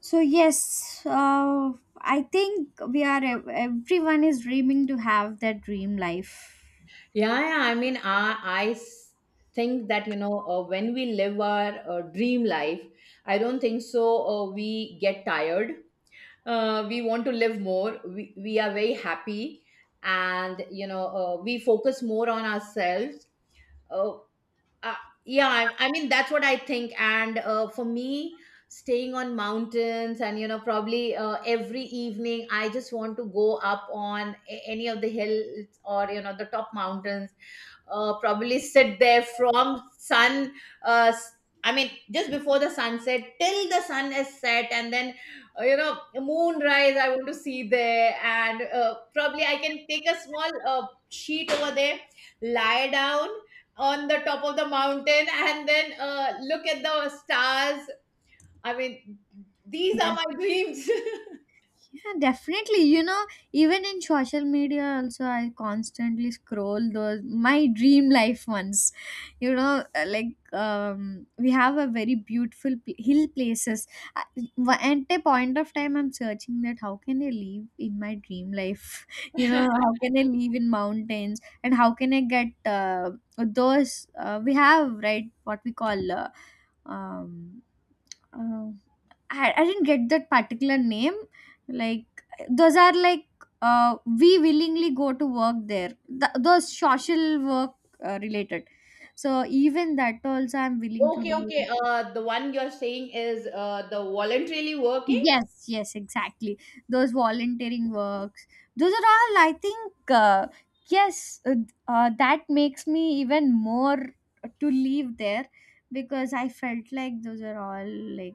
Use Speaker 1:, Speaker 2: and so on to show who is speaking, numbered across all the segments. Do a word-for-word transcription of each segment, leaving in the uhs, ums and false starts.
Speaker 1: So yes, uh, I think we are ev- everyone is dreaming to have that dream life.
Speaker 2: Yeah, yeah. I mean, I, I s- think that, you know, uh, when we live our uh, dream life, I don't think so. Uh, we get tired. Uh, we want to live more. We, we are very happy. And you know, uh, we focus more on ourselves. Uh, uh, yeah, I, I mean, that's what I think. And uh, for me, staying on mountains and, you know, probably uh, every evening, I just want to go up on a- any of the hills or, you know, the top mountains, uh, probably sit there from sun, uh, s- I mean just before the sunset till the sun is set, and then uh, you know moonrise, I want to see there, and uh, probably I can take a small uh, sheet over there, lie down on the top of the mountain, and then uh, look at the stars. I mean, these are my dreams.
Speaker 1: Yeah, definitely. You know, even in social media, also, I constantly scroll those my dream life ones. You know, uh, like um, we have a very beautiful pl- hill places. I- wa- At a point of time, I'm searching that how can I live in my dream life? You know, how can I live in mountains and how can I get uh, those uh, we have right, what we call uh, um, uh, I I didn't get that particular name. Like, those are like, uh, we willingly go to work there. Th- those social work uh, related. So even that also I'm willing to
Speaker 2: Okay, okay,
Speaker 1: do.
Speaker 2: uh, the one you're saying is uh, the voluntarily working.
Speaker 1: Yes, yes, exactly. Those volunteering works. Those are all, I think. Uh, yes, uh, uh, that makes me even more to leave there because I felt like those are all like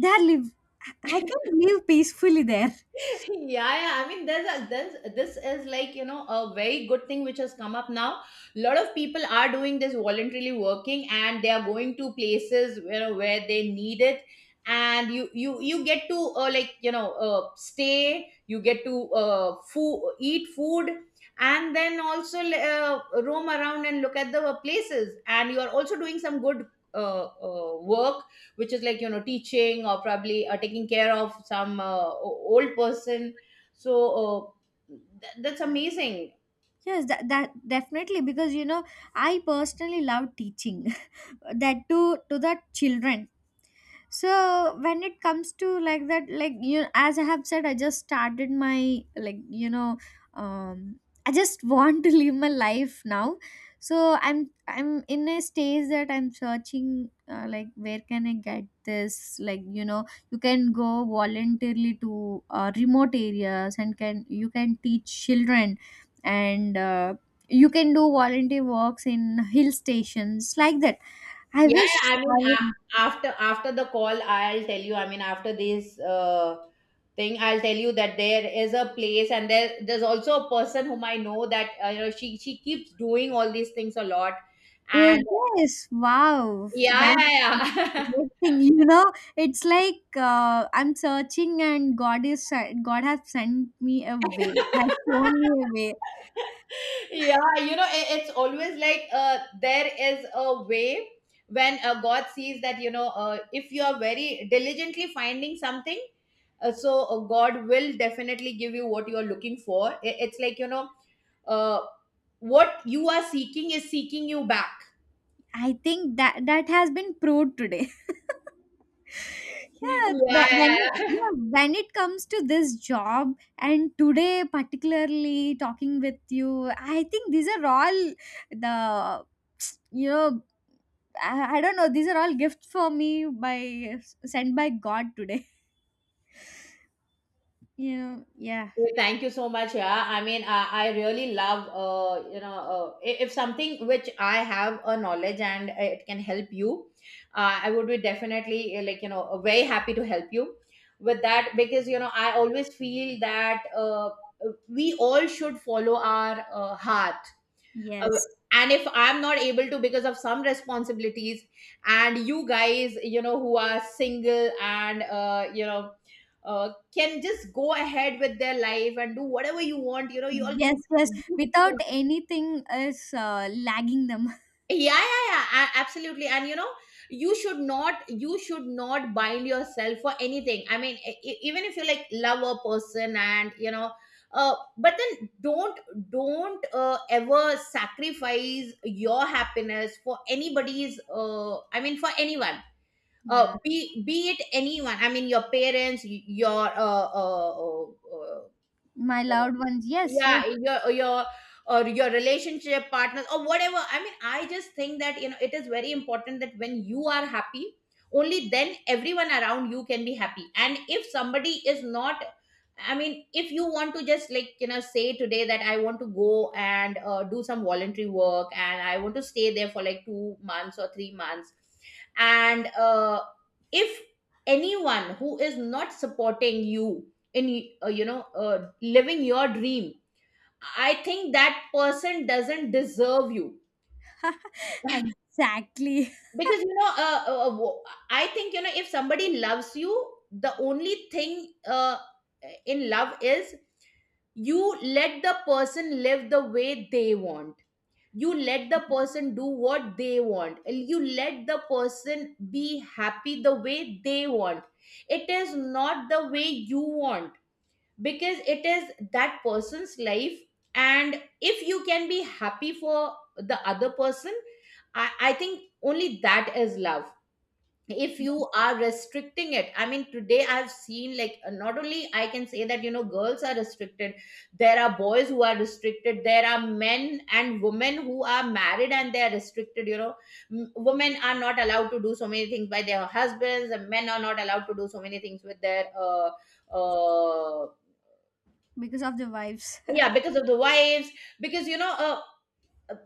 Speaker 1: they are live. I I can live peacefully there.
Speaker 2: Yeah, yeah, I mean, there's a there's — this is like, you know a very good thing which has come up now. A lot of people are doing this voluntarily working, and they are going to places where where they need it. And you you you get to, uh, like, you know uh, stay, you get to, uh, food eat food, and then also uh, roam around and look at the places, and you are also doing some good uh, uh, work, which is like, you know teaching, or probably uh, taking care of some uh, o- old person. So, uh, th- that's amazing.
Speaker 1: Yes, that, that definitely, because you know I personally love teaching that to to the children. So when it comes to like that, like, you, as I have said, I just started my, like you know, um I just want to live my life now. So i'm i'm in a stage that I'm searching, uh, like, where can I get this, like you know, you can go voluntarily to uh, remote areas and can, you can teach children, and uh, you can do volunteer works in hill stations, like that I
Speaker 2: Yeah,
Speaker 1: wish,
Speaker 2: yeah, I
Speaker 1: I
Speaker 2: mean,
Speaker 1: would.
Speaker 2: a- after after the call, I'll tell you. I mean, after this uh, thing, I'll tell you that there is a place, and there there's also a person whom I know, that uh, you know she she keeps doing all these things a lot.
Speaker 1: Yes,
Speaker 2: And
Speaker 1: yes. Wow.
Speaker 2: yeah,
Speaker 1: That's
Speaker 2: yeah, yeah.
Speaker 1: great thing. You know, it's like, uh, I'm searching and God is sen- God has sent me a way, has shown me a way.
Speaker 2: Yeah, you know i- it's always like, uh, there is a way. When uh, God sees that, you know uh, if you are very diligently finding something, uh, so uh, God will definitely give you what you are looking for. I- it's like, you know uh, what you are seeking is seeking you back.
Speaker 1: I think that that has been proved today.
Speaker 2: Yeah,
Speaker 1: Yeah,
Speaker 2: yeah.
Speaker 1: when, when
Speaker 2: Yeah.
Speaker 1: yeah, when it comes to this job and today particularly talking with you, I think these are all the, you know, I, I don't know, these are all gifts for me by, sent by God today. You know, yeah,
Speaker 2: Well, thank you so much. Yeah, I mean, I, I really love, uh, you know, uh, i- if something which I have a knowledge and it can help you, uh, I would be definitely uh, like, you know, uh, very happy to help you with that, because, you know, I always feel that uh, we all should follow our uh, heart, uh,
Speaker 1: yes,
Speaker 2: and if I'm not able to because of some responsibilities, and you guys, you know who are single, and uh, you know uh, can just go ahead with their life and do whatever you want. You know you all can
Speaker 1: yes, yes.
Speaker 2: do.
Speaker 1: Without anything is uh, lagging them.
Speaker 2: Yeah, yeah, yeah, a- absolutely. And, you know you should not you should not bind yourself for anything. I mean, e- e- even if you like love a person, and you know uh, but then don't don't uh, ever sacrifice your happiness for anybody's, uh, I mean, for anyone, uh,
Speaker 1: Yeah,
Speaker 2: be be it anyone. I mean, your parents, y- your uh, uh, uh, uh,
Speaker 1: my loved ones. Yes, yes,
Speaker 2: yeah, your your, or your relationship partners, or whatever. I mean, I just think that, you know it is very important that when you are happy, only then everyone around you can be happy. And if somebody is not... I mean, if you want to just, like, you know say today that I want to go and uh, do some voluntary work, and I want to stay there for like two months or three months, and uh, if anyone who is not supporting you in uh, you know uh, living your dream, I think that person doesn't deserve you.
Speaker 1: exactly.
Speaker 2: Because, you know uh, uh, uh, wo- I think, you know if somebody loves you, the only thing, uh, in love, is you let the person live the way they want, you let the person do what they want, and you let the person be happy the way they want. It is not the way you want, because it is that person's life. And if you can be happy for the other person, i, I think only that is love. If you are restricting it... I mean, today I've seen, like, uh, not only, I can say that, you know girls are restricted, there are boys who are restricted, there are men and women who are married and they are restricted. You know M- women are not allowed to do so many things by their husbands, and men are not allowed to do so many things with their uh, uh,
Speaker 1: Because of the vibes.
Speaker 2: yeah, because of the wives. Because, you know uh,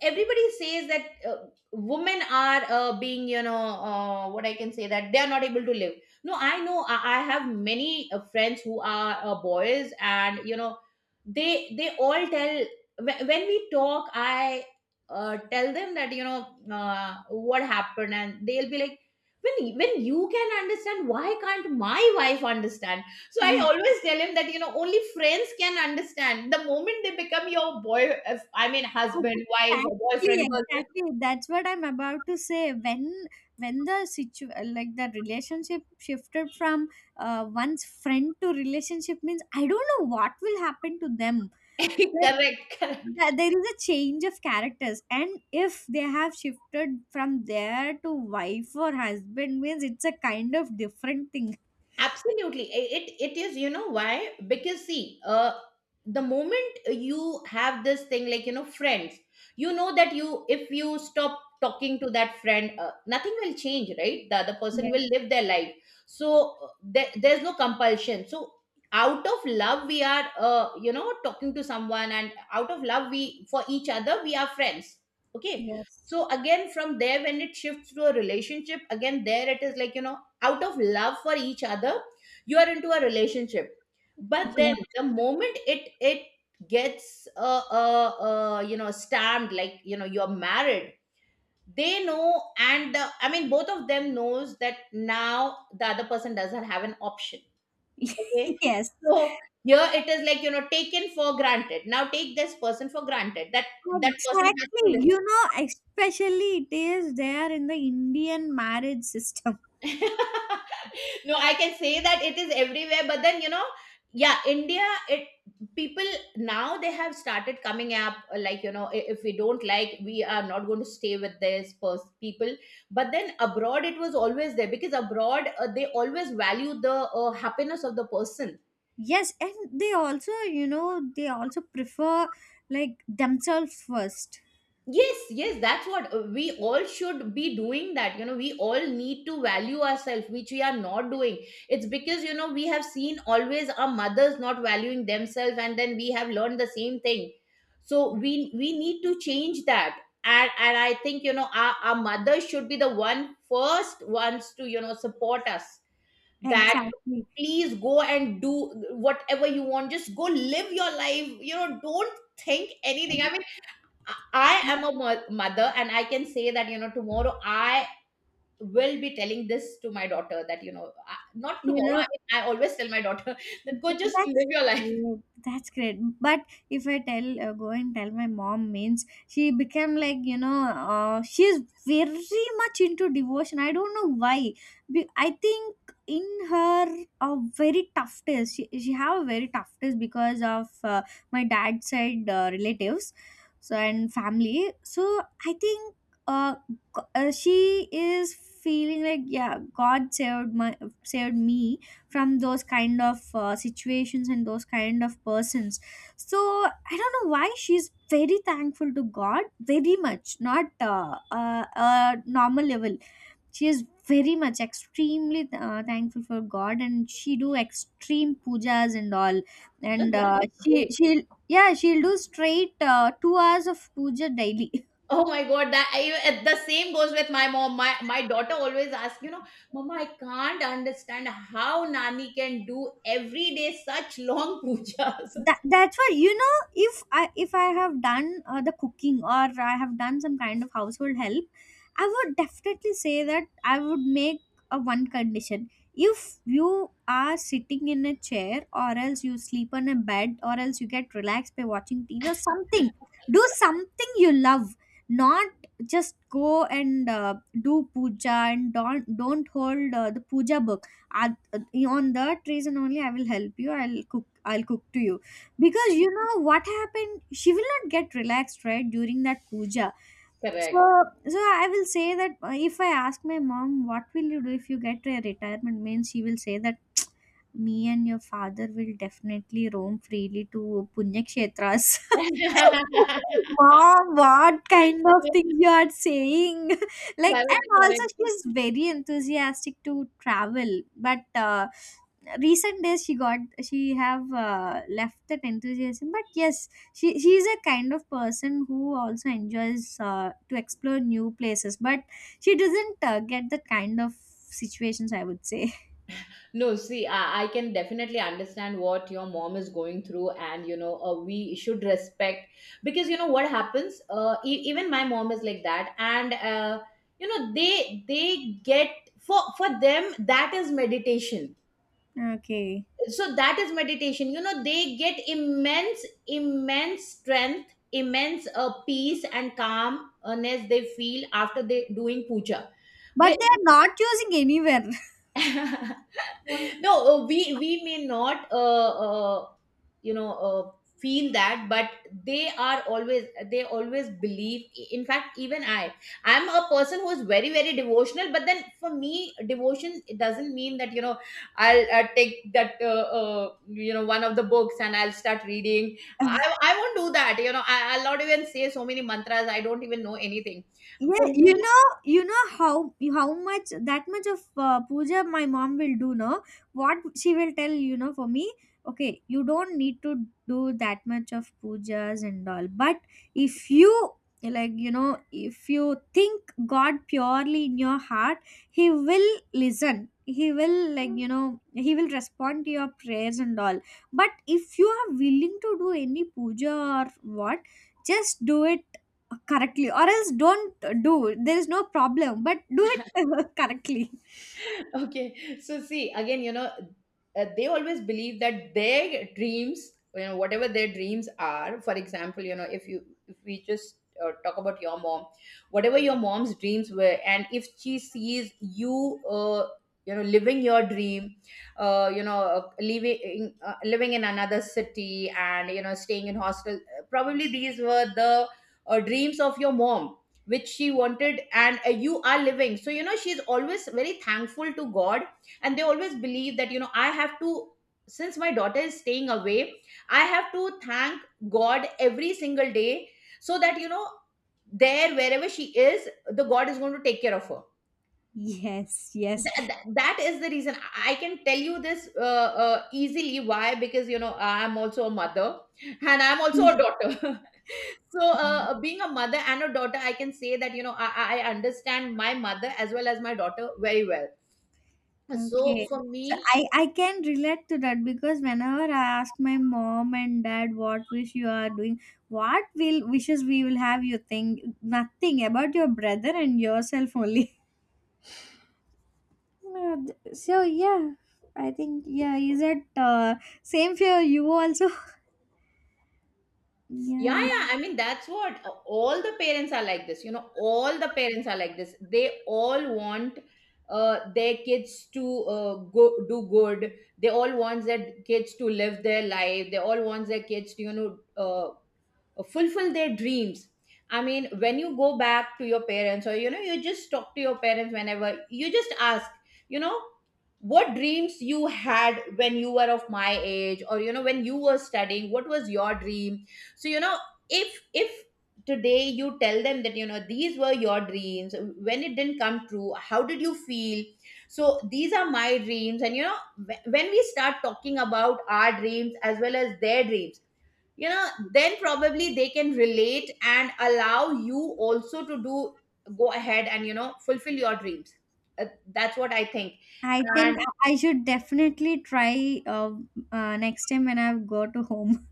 Speaker 2: everybody says that uh, women are uh, being, you know uh, what I can say, that they are not able to live. No, I know, i, I have many uh, friends who are uh, boys, and you know they they all tell, when, when we talk, I uh, tell them that, you know uh, what happened, and they'll be like, when when you can understand, why can't my wife understand? So I
Speaker 1: Yeah,
Speaker 2: always tell him that, you know only friends can understand. The moment they become your boy, if- I mean husband, wife, or boyfriend,
Speaker 1: exactly, exactly. That's what I'm about to say. When when the situ like the relationship shifted from uh, one's friend to relationship means, I don't know what will happen to them.
Speaker 2: girlfriend.
Speaker 1: Like,
Speaker 2: Correct, correct.
Speaker 1: th- there is a change of characters and if they have shifted from there to wife or husband means it's a kind of different thing.
Speaker 2: Absolutely. I- it it is, you know why? Because, see, uh the moment you have this thing, like, you know friends, you know that, you if you stop talking to that friend, uh, nothing will change. Right, the other person
Speaker 1: Yes,
Speaker 2: will live their life. So uh, there, there's no compulsion. So out of love we are, uh, you know talking to someone, and out of love, we for each other we are friends. Okay. So
Speaker 1: yes,
Speaker 2: again, from there, when it shifts to a relationship, again there it is like, you know out of love for each other, you are into a relationship. But
Speaker 1: yeah.
Speaker 2: then the moment it it gets uh, uh, uh you know stamped, like, you know you're married. They know, and uh, I mean, both of them knows that now the other person doesn't have an option. Okay.
Speaker 1: Yes,
Speaker 2: So here it is, like, you know taken for granted. Now, take this person for granted, that that person has
Speaker 1: exactly.
Speaker 2: to listen.
Speaker 1: You know, especially it is there in the Indian marriage system.
Speaker 2: No, I can say that it is everywhere, but then, you know yeah, India, it people, now they have started coming up, uh, like, you know i- if we don't like, we are not going to stay with this pers- people. But then abroad it was always there, because abroad, uh, they always value the uh, happiness of the person.
Speaker 1: Yes, and they also, you know, they also prefer like themselves first,
Speaker 2: Yes, yes, that's what uh, we all should be doing. That you know We all need to value ourselves, which we are not doing. It's because, you know we have seen always our mothers not valuing themselves, and then we have learned the same thing. So we we need to change that. And and I think, you know our, our mothers should be the one, first ones, to, you know support us, that,
Speaker 1: exactly,
Speaker 2: please go and do whatever you want, just go live your life. You know don't think anything. I mean, I am a mo- mother, and I can say that, you know tomorrow I will be telling this to my daughter that, you know I, not
Speaker 1: you
Speaker 2: tomorrow. I
Speaker 1: know.
Speaker 2: mean, I always tell my daughter that,
Speaker 1: Th-
Speaker 2: go just live
Speaker 1: That's
Speaker 2: your life.
Speaker 1: great. That's great. But if I tell, uh, go and tell my mom means, she became like you know, uh, she's very much into devotion. I don't know why. Be- I think in her a very tough test. She she have a very tough test because of uh, my dad's side uh, relatives, so and family. So I think uh, g- uh she is feeling like, yeah, God saved my, saved me from those kind of uh, situations and those kind of persons. So I don't know why she's very thankful to God, very much, not uh, uh, uh normal level. She is very much extremely uh, thankful for God and she do extreme pujas and all.
Speaker 2: that-
Speaker 1: And uh,
Speaker 2: That's
Speaker 1: she,
Speaker 2: great.
Speaker 1: she'll, yeah she'll do straight uh, two hours of puja daily.
Speaker 2: Oh my god, that I, uh, the same goes with my mom. My my daughter always asks, you know, Mama, I can't understand how Nani can do every day such long pujas.
Speaker 1: That, that's why, you know, if i if I have done uh, the cooking or I have done some kind of household help, I would definitely say that I would make a one condition. If you are sitting in a chair, or else you sleep on a bed, or else you get relaxed by watching TV or something, do something you love, not just go and uh, do puja. And don't don't hold uh, the puja book. I, on that reason only, I will help you, I'll cook, I'll cook to you. Because you know what happened, she will not get relaxed, right, during that puja. So,
Speaker 2: Correct.
Speaker 1: so I will say that, uh, if I ask my mom what will you do if you get a retirement means, she will say that me and your father will definitely roam freely to punya kshetras. Mom, what kind of things you are saying? Like, and
Speaker 2: Correct,
Speaker 1: also
Speaker 2: correct.
Speaker 1: she's very enthusiastic to travel, but uh, recent days she got, she have uh, left that enthusiasm. But yes, she she is a kind of person who also enjoys uh, to explore new places, but she doesn't uh, get that kind of situations, I would say.
Speaker 2: No, see, I, I can definitely understand what your mom is going through, and you know, uh, we should respect. Because, you know what happens... Uh, e- even my mom is like that, and uh, you know, they they get — for for them that is meditation.
Speaker 1: Okay.
Speaker 2: So that is meditation. You know, they get immense, immense strength, immense uh, peace and calmness they feel after they doing puja.
Speaker 1: But they are not using anywhere.
Speaker 2: No uh, we we may not uh, uh, you know uh, feel that, but they are always, they always believe. In fact, even i I'm a person who's very very devotional, but then for me devotion, it doesn't mean that you know I'll, uh take that uh, uh, you know, one of the books and I'll start reading. I i won't do that, you know, I, I'll not even say so many mantras, I don't even know anything.
Speaker 1: Yeah,
Speaker 2: For
Speaker 1: you
Speaker 2: me,
Speaker 1: know, you know how how much, that much of uh, puja my mom will do. No, what she will tell, you know, for me. Okay, you don't need to do that much of pujas and all. But if you, like, you know, if you think God purely in your heart, He will listen. He will, like you know, He will respond to your prayers and all. But if you are willing to do any puja or what, just do it correctly or else don't do, there is no problem, but do it correctly.
Speaker 2: okay, so see, again, you know, uh, they always believe that their dreams, you know, whatever their dreams are. For example, you know, if you if we just uh, talk about your mom, whatever your mom's dreams were, and if she sees you uh, you know, living your dream, uh, you know, uh, living uh, living in another city, and you know, staying in hostel, uh, probably these were the uh, dreams of your mom, which she wanted, and uh, you are living. So, you know, she's always very thankful to God. And they always believe that, you know, I have to, since my daughter is staying away, I have to thank God every single day, so that, you know, there, wherever she is, the God is going to take care of her.
Speaker 1: Yes, yes.
Speaker 2: Th- th- that is the reason I can tell you this uh, uh, easily. Why? Because, you know, I'm also a mother and I'm also a daughter. So uh, being a mother and a daughter, I can say that, you know, I, I I understand my mother as well as my daughter very well. So
Speaker 1: Okay,
Speaker 2: for
Speaker 1: so
Speaker 2: me,
Speaker 1: i i can relate to that, because whenever I ask my mom and dad, what wish you are doing, what will wishes we will have, you think nothing about your brother and yourself only. Uh, th- so yeah, I think, yeah, is it uh, same for you also?
Speaker 2: yeah,
Speaker 1: Yeah.
Speaker 2: yeah, I mean, that's what, uh, all the parents are like this. You know, all the parents are like this. They all want uh, their kids to uh, go do good. They all want their kids to live their life. They all want their kids to, you know, uh, uh, fulfill their dreams. I mean, when you go back to your parents, or you know, you just talk to your parents, whenever you just ask, you know, what dreams you had when you were of my age, or you know, when you were studying, what was your dream. So, you know, if if today you tell them that, you know, these were your dreams, when it didn't come true, how did you feel? So these are my dreams, and you know, wh- when we start talking about our dreams as well as their dreams, you know, then probably they can relate and allow you also to do, go ahead and, you know, fulfill your dreams. Uh, that's what I think.
Speaker 1: I think
Speaker 2: And
Speaker 1: I I should definitely try, uh, uh, next time when I go to home.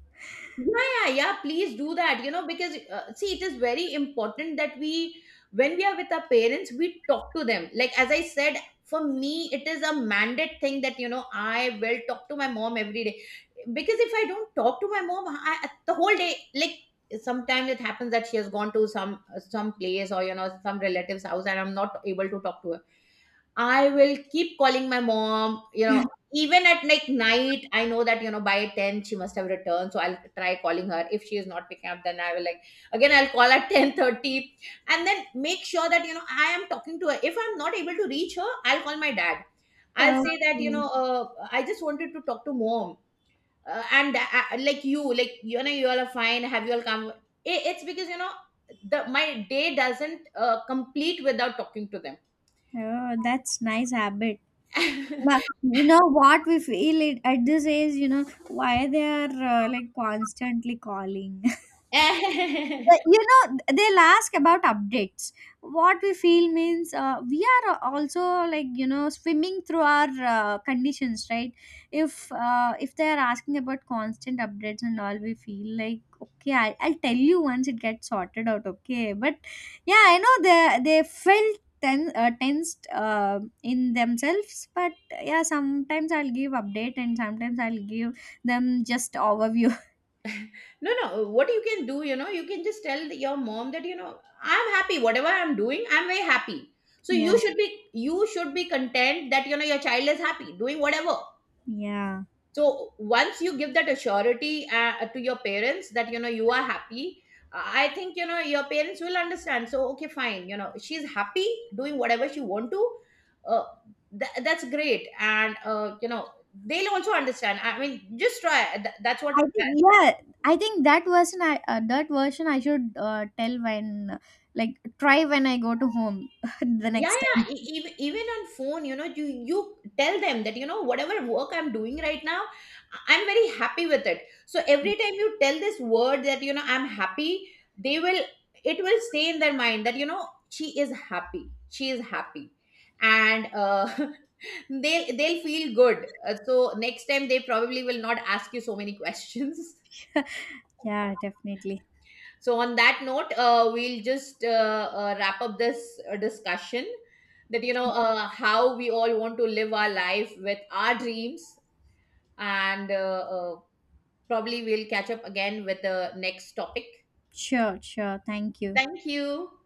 Speaker 2: yeah, yeah, yeah, please do that, you know, because uh, see, it is very important that we, when we are with our parents, we talk to them. Like, as I said, for me, it is a mandate thing that, you know, I will talk to my mom every day. Because if I don't talk to my mom, I, the whole day, like, sometimes it happens that she has gone to some some place, or you know, some relative's house, and I'm not able to talk to her. I will keep calling my mom, you know, even at like night, I know that, you know, by ten she must have returned. So I'll try calling her. If she is not picking up, then I will, like, again I'll call at ten thirty and then make sure that, you know, I am talking to her. If I'm not able to reach her, I'll call my dad. I'll say that, you
Speaker 1: Okay.
Speaker 2: know, uh, I just wanted to talk to mom. Uh, and uh, uh, like you, like, you know, you all are fine. Have you all come? It, it's because, you know, the my day doesn't uh, complete without talking to
Speaker 1: Oh, that's nice habit.
Speaker 2: them.
Speaker 1: But you know what we feel it, at this age, you know, why they are uh, like constantly calling.
Speaker 2: no
Speaker 1: But, you know, they'll ask about updates. What we feel means, uh, we are also, like you know, swimming through our uh, conditions, right? If uh, if they are asking about constant updates and all, we feel like, okay, I, I'll tell you once it gets sorted out, okay. But yeah, I know they they felt ten, uh, tensed uh, in themselves. But yeah, sometimes I'll give update and sometimes I'll give them just overview.
Speaker 2: no, uh, what you can do, you know, you can just tell the- your mom that, you know, I'm happy whatever I'm doing, I'm very happy. So
Speaker 1: Yeah,
Speaker 2: you should be, you should be content that, you know, your child is happy doing whatever.
Speaker 1: yeah.
Speaker 2: So once you give that assurity uh, to your parents that, you know, you are happy, I think, you know, your parents will understand. So, okay, fine, you know, she's happy doing whatever she want to. uh, tha- that's great. And uh, you know, they'll also understand, I mean, just try. Th- that's what.
Speaker 1: I think, yeah, I think that version I, uh, that version I should uh, tell when, like, try when I go to home the
Speaker 2: Yeah,
Speaker 1: next time.
Speaker 2: yeah, e- even, even on phone, you know, you you tell them that, you know, whatever work I'm doing right now, I- I'm very happy with it. So every time you tell this word that, you know, I'm happy, they will, it will stay in their mind that, you know, she is happy, she is happy. And uh, they'll they'll feel good. Uh, so next time they probably will not ask you so many questions.
Speaker 1: Yeah, definitely.
Speaker 2: So, on that note, uh, we'll just uh, uh, wrap up this uh, discussion that, you know,
Speaker 1: Sure,
Speaker 2: uh, how we all want to live our life with our dreams. And uh, uh, probably we'll catch up again with the next topic.
Speaker 1: sure, sure. Thank you.
Speaker 2: Thank you.